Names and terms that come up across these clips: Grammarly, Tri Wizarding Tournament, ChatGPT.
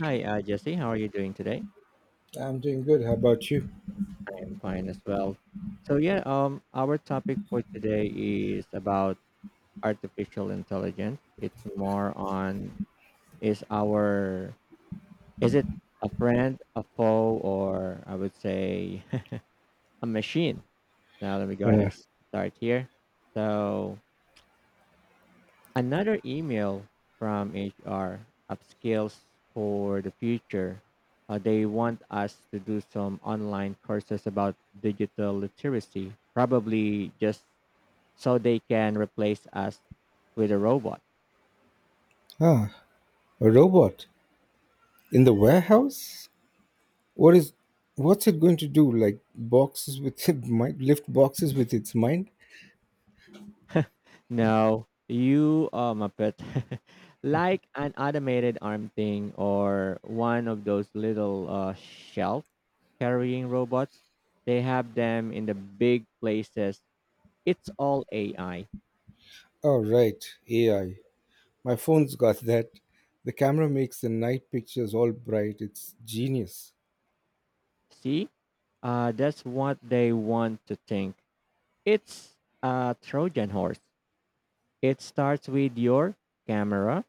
Hi, Jesse. How are you doing today? I'm doing good. How about you? I am fine as well. So our topic for today is about artificial intelligence. It's more on is our is it a friend, a foe, or I would say a machine. Now let me go ahead Yeah. and start here. So another email from HR upskills for the future. They want us to do some online courses about digital literacy, probably just so they can replace us with a robot. Ah, a robot in the warehouse? What is what's it going to do? Like boxes with it might lift boxes with its mind? No, you are Muppet. Like an automated arm thing or one of those little shelf carrying robots. They have them in the big places. It's all AI. Oh right, AI. My phone's got that. The camera makes the night pictures all bright. It's genius. See? That's what they want to think. It's a Trojan horse. It starts with your camera.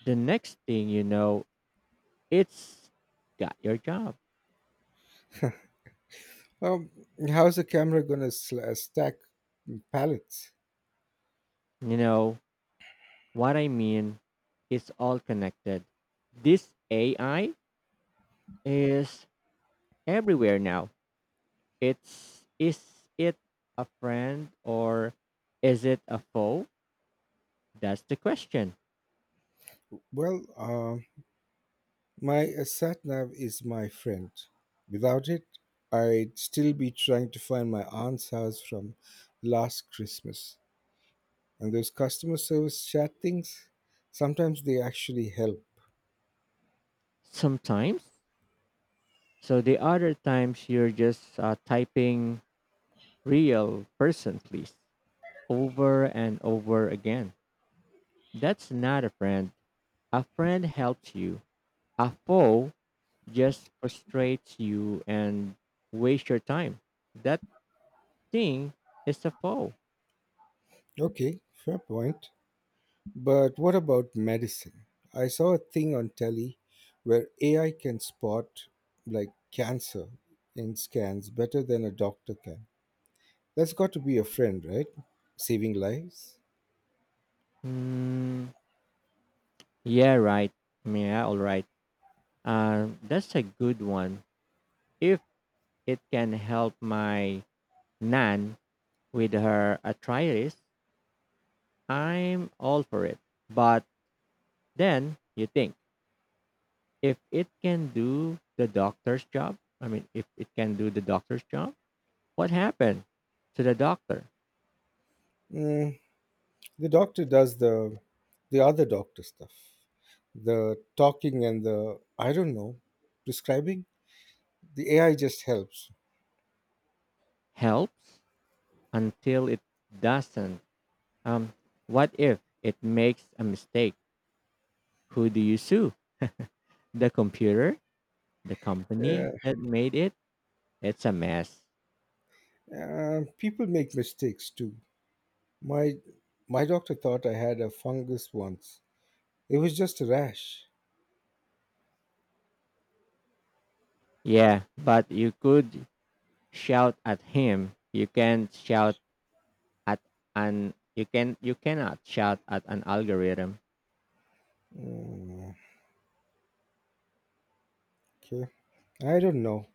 The next thing you know, it's got your job. Um, How's the camera gonna stack pallets? You know what I mean? It's all connected. This AI is everywhere now. It's is it a friend or is it a foe? That's the question. Well, uh, My sat nav is my friend. Without it, I'd still be trying to find my aunt's house from last Christmas. And those customer service chat things, sometimes they actually help. Sometimes. So the other times you're just typing real person, please, over and over again. That's not a friend. A friend helps you. A foe just frustrates you and waste your time. That thing is a foe. Okay, fair point. But what about medicine? I saw a thing on telly where AI can spot like cancer in scans better than a doctor can. That's got to be a friend, right? Saving lives. Mm, yeah, right. Yeah, all right. That's a good one. If it can help my nan with her arthritis, I'm all for it. But then you think if it can do the doctor's job, I mean, if it can do the doctor's job, what happened to the doctor? Hmm. The doctor does the other doctor stuff, the talking and the I don't know, prescribing. The AI just helps. Helps until it doesn't. Um, what if it makes a mistake? Who do you sue? The computer? The company Yeah, that made it? It's a mess. People make mistakes too. My my doctor thought I had a fungus once. It was just a rash. Yeah, but you could shout at him. At you cannot shout at an algorithm. Okay, I don't know.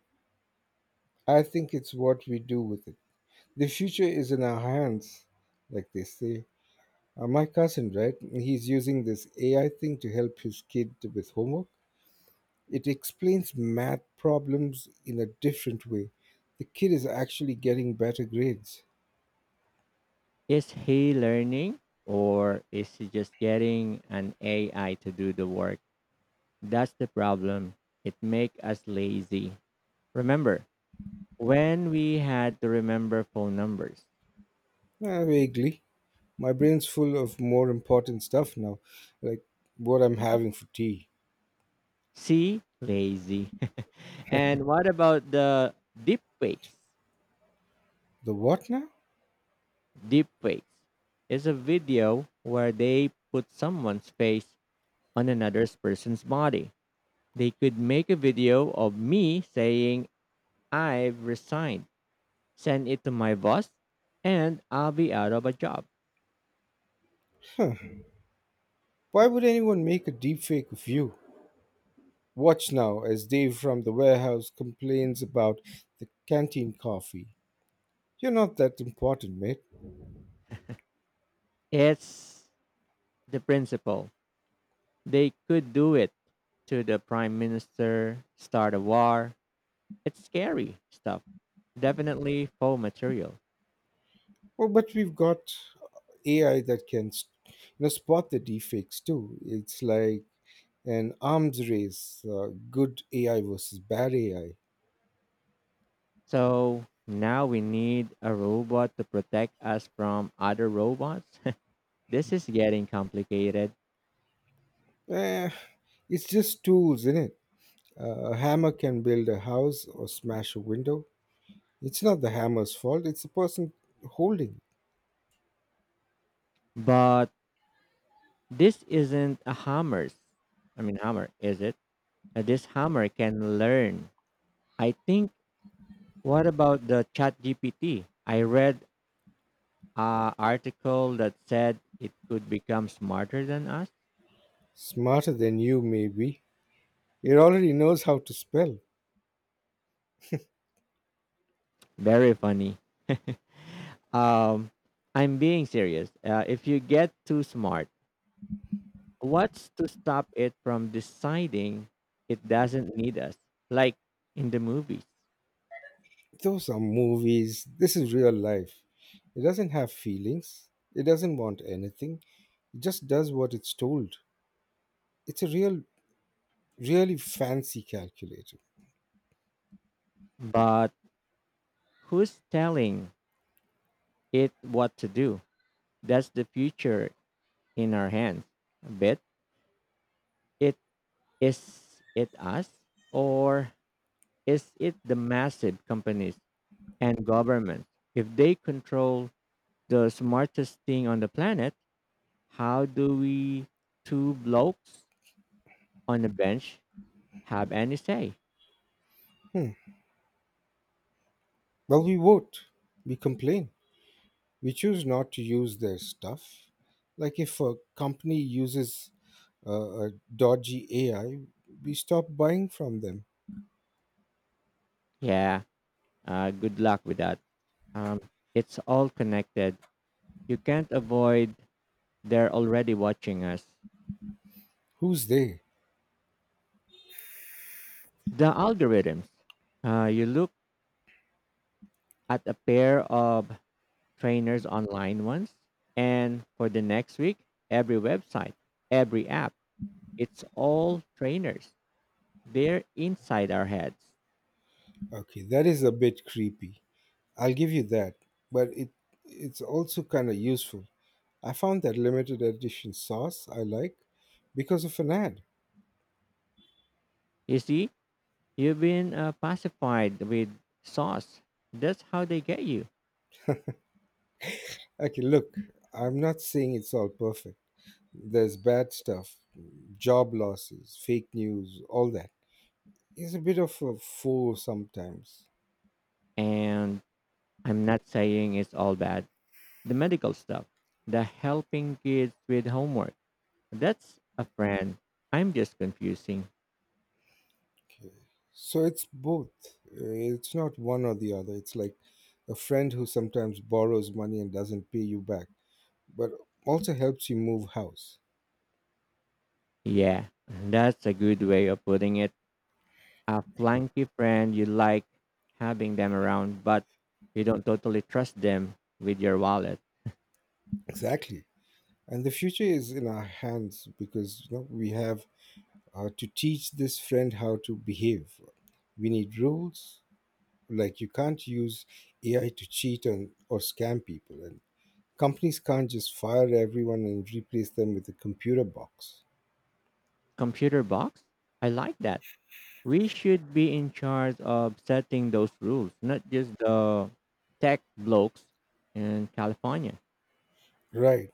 I think it's what we do with it. The future is in our hands, like they say. My cousin, right? He's using this AI thing to help his kid with homework. It explains math problems in a different way. The kid is actually getting better grades. Is he learning or is he just getting an AI to do the work? That's the problem. It make us lazy. Remember when we had to remember phone numbers. Vaguely. My brain's full of more important stuff now, like what I'm having for tea. See, lazy. And what about the deepfakes? The what now? Deepfakes is a video where they put someone's face on another person's body. They could make a video of me saying I've resigned, send it to my boss, and I'll be out of a job. Huh. Why would anyone make a deepfake of you? Watch now as Dave from the warehouse complains about the canteen coffee. You're not that important, mate. It's the principle. They could do it to the prime minister, start a war. It's scary stuff. Definitely faux material. Well, but we've got AI that can, you know, spot the deepfakes too. It's like an arms race, good AI versus bad AI. So now we need a robot to protect us from other robots. This is getting complicated. Eh, it's just tools, innit? A hammer can build a house or smash a window. It's not the hammer's fault, it's the person holding it. But this isn't a hammer. I mean, hammer, is it? This hammer can learn. I think What about the ChatGPT? I read a article that said it could become smarter than us. Smarter than you, maybe. It already knows how to spell. Very funny. Um, I'm being serious. If you get too smart, what's to stop it from deciding it doesn't need us, like in the movies? Those are movies. This is real life. It doesn't have feelings, it doesn't want anything, it just does what it's told. It's a really fancy calculator. But who's telling it what to do? That's the future in our hands. A bit. It is it us or is it the massive companies and governments? If they control the smartest thing on the planet, how do we two blokes on a bench have any say? Hmm. Well, we vote, we complain, we choose not to use their stuff. Like if a company uses a dodgy AI, we stop buying from them. Yeah, good luck with that. Um, it's all connected. You can't avoid They're already watching us. Who's they? The algorithms. You look at a pair of trainers online once, and for the next week, every website, every app, it's all trainers. They're inside our heads. Okay, that is a bit creepy. I'll give you that, but it's also kind of useful. I found that limited edition sauce I like because of an ad. You see, you've been pacified with sauce. That's how they get you. Okay, look, I'm not saying it's all perfect. There's bad stuff, job losses, fake news, all that. He's a bit of a fool sometimes. And I'm not saying it's all bad. The medical stuff, the helping kids with homework. That's a friend. I'm just confusing. Okay. So it's both. It's not one or the other. It's like a friend who sometimes borrows money and doesn't pay you back, but also helps you move house. Yeah, that's a good way of putting it. A flanky friend, you like having them around, but you don't totally trust them with your wallet. Exactly. And the future is in our hands because you know we have to teach this friend how to behave. We need rules. Like you can't use AI to cheat and or scam people, and companies can't just fire everyone and replace them with a computer box. Computer box. I like that. We should be in charge of setting those rules, not just the tech blokes in California. Right.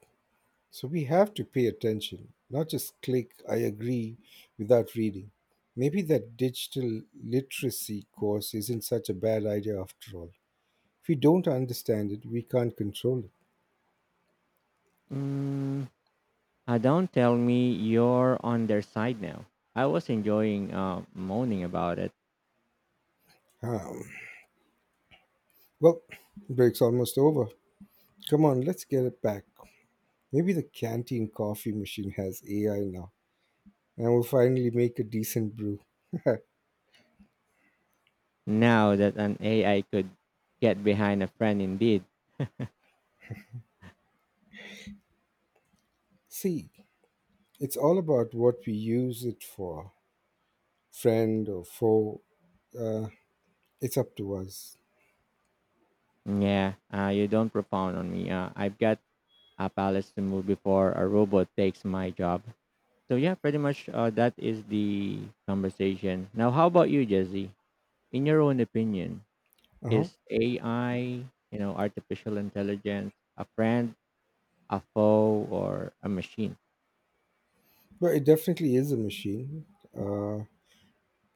So we have to pay attention, not just click, I agree, without reading. Maybe that digital literacy course isn't such a bad idea after all. If we don't understand it, we can't control it. Mm, don't tell me you're on their side now. I was enjoying moaning about it. Um, well, break's almost over. Come on, let's get it back. Maybe the canteen coffee machine has AI now, and we'll finally make a decent brew. Now that an AI could get behind, a friend, indeed. See, it's all about what we use it for, friend or foe. Uh, It's up to us. Yeah, you don't propound on me. I've got a palace to move before a robot takes my job. So yeah, pretty much that is the conversation. Now, how about you, Jesse? In your own opinion, Uh-huh. is AI, you know, artificial intelligence, a friend, a foe, or a machine? But it definitely is a machine. Uh,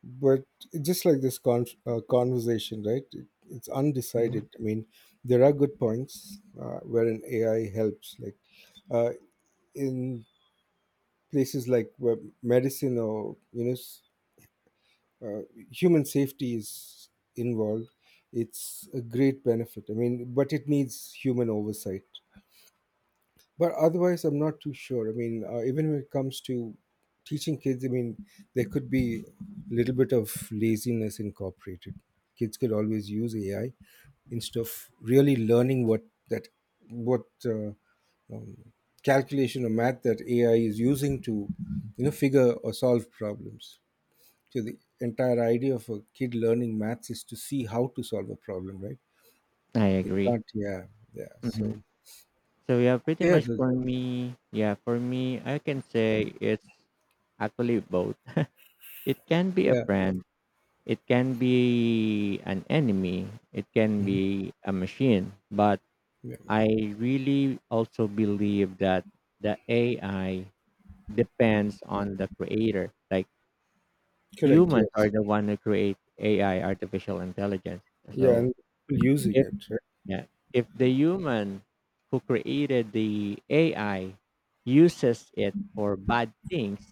but just like this conversation, right? It's Mhm. undecided. I mean, there are good points wherein AI helps, like uh, in places like where medicine or you know, uh, human safety is involved. It's a great benefit. I mean, but it needs human oversight. But otherwise, I'm not too sure. I mean, even when it comes to teaching kids, I mean, there could be a little bit of laziness incorporated. Kids could always use AI instead of really learning that what um, calculation or math that AI is using to, you know, figure or solve problems. So the entire idea of a kid learning maths is to see how to solve a problem, right? I They agree. can't. Yeah. Yeah. Hmm. So So yeah, pretty yeah, much just, for me, yeah, for me, I can say it's actually both. It can be a yeah. friend, it can be an enemy, it can Mhm, be a machine, but yeah. I really also believe that the AI depends on the creator. Like Correct. humans are Yes. the one who create AI, artificial intelligence. Yeah, So and people using if it, right? yeah, if the human who created the AI uses it for bad things,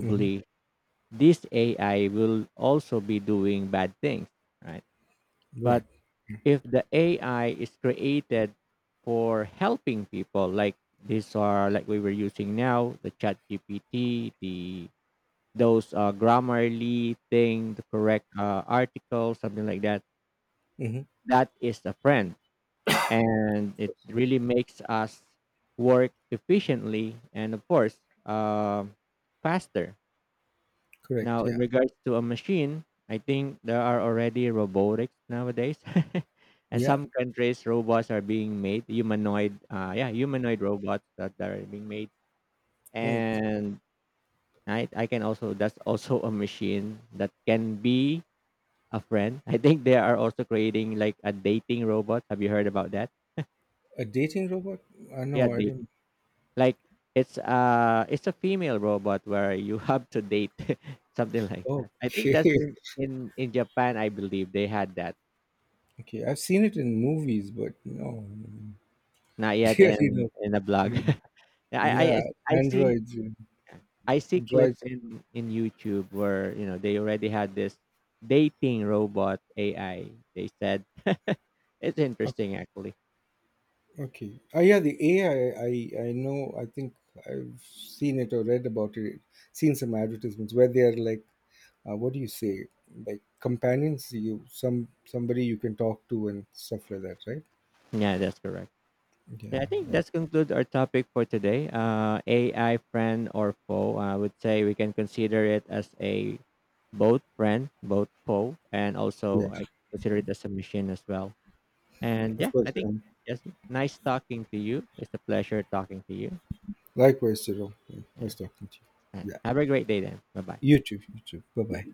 Hmm. this AI will also be doing bad things, right? But Right. if the AI is created for helping people, like these are like we were using now, the chat GPT, the those grammarly thing, the correct article, something like that, Hmm. that is a friend. And it really makes us work efficiently and of course faster. Correct. Now, in Yeah. regards to a machine, I think there are already robotics nowadays. And Yeah. some countries, robots are being made, humanoid, humanoid robots that are being made. Right. And I can also, that's also a machine that can be a friend. I think they are also creating like a dating robot. Have you heard about that? A dating robot? I Yeah, know. I dating. don't. Like it's a female robot where you have to date, something like that. I think that's Okay. in Japan. I believe they had that. Okay. I've seen it in movies, but no, no, Not yet really in no. in a blog. Yeah. Yeah, I Yeah. I I see Androids. Yeah. I see Droids. clips in YouTube where, you know, they already had this dating robot AI, they said. It's Okay. interesting actually. Okay. Oh, yeah. The AI. I know. I think I've seen it or read about it. Seen some advertisements where they are like, what do you say, like companions, you somebody you can talk to and stuff like that, right? Yeah, that's correct. Yeah, I Yeah, think yeah, that's conclude our topic for today. AI friend or foe. I would say we can consider it as a both friend, both foe, and also yeah. I consider it as a machine as well. And Of yeah, I course. think yes, nice talking to you. It's a pleasure talking to you. Likewise, Jerome. Yeah, nice And, talking to and you. Yeah, have a great day then. Bye bye. you too, you too. Bye-bye.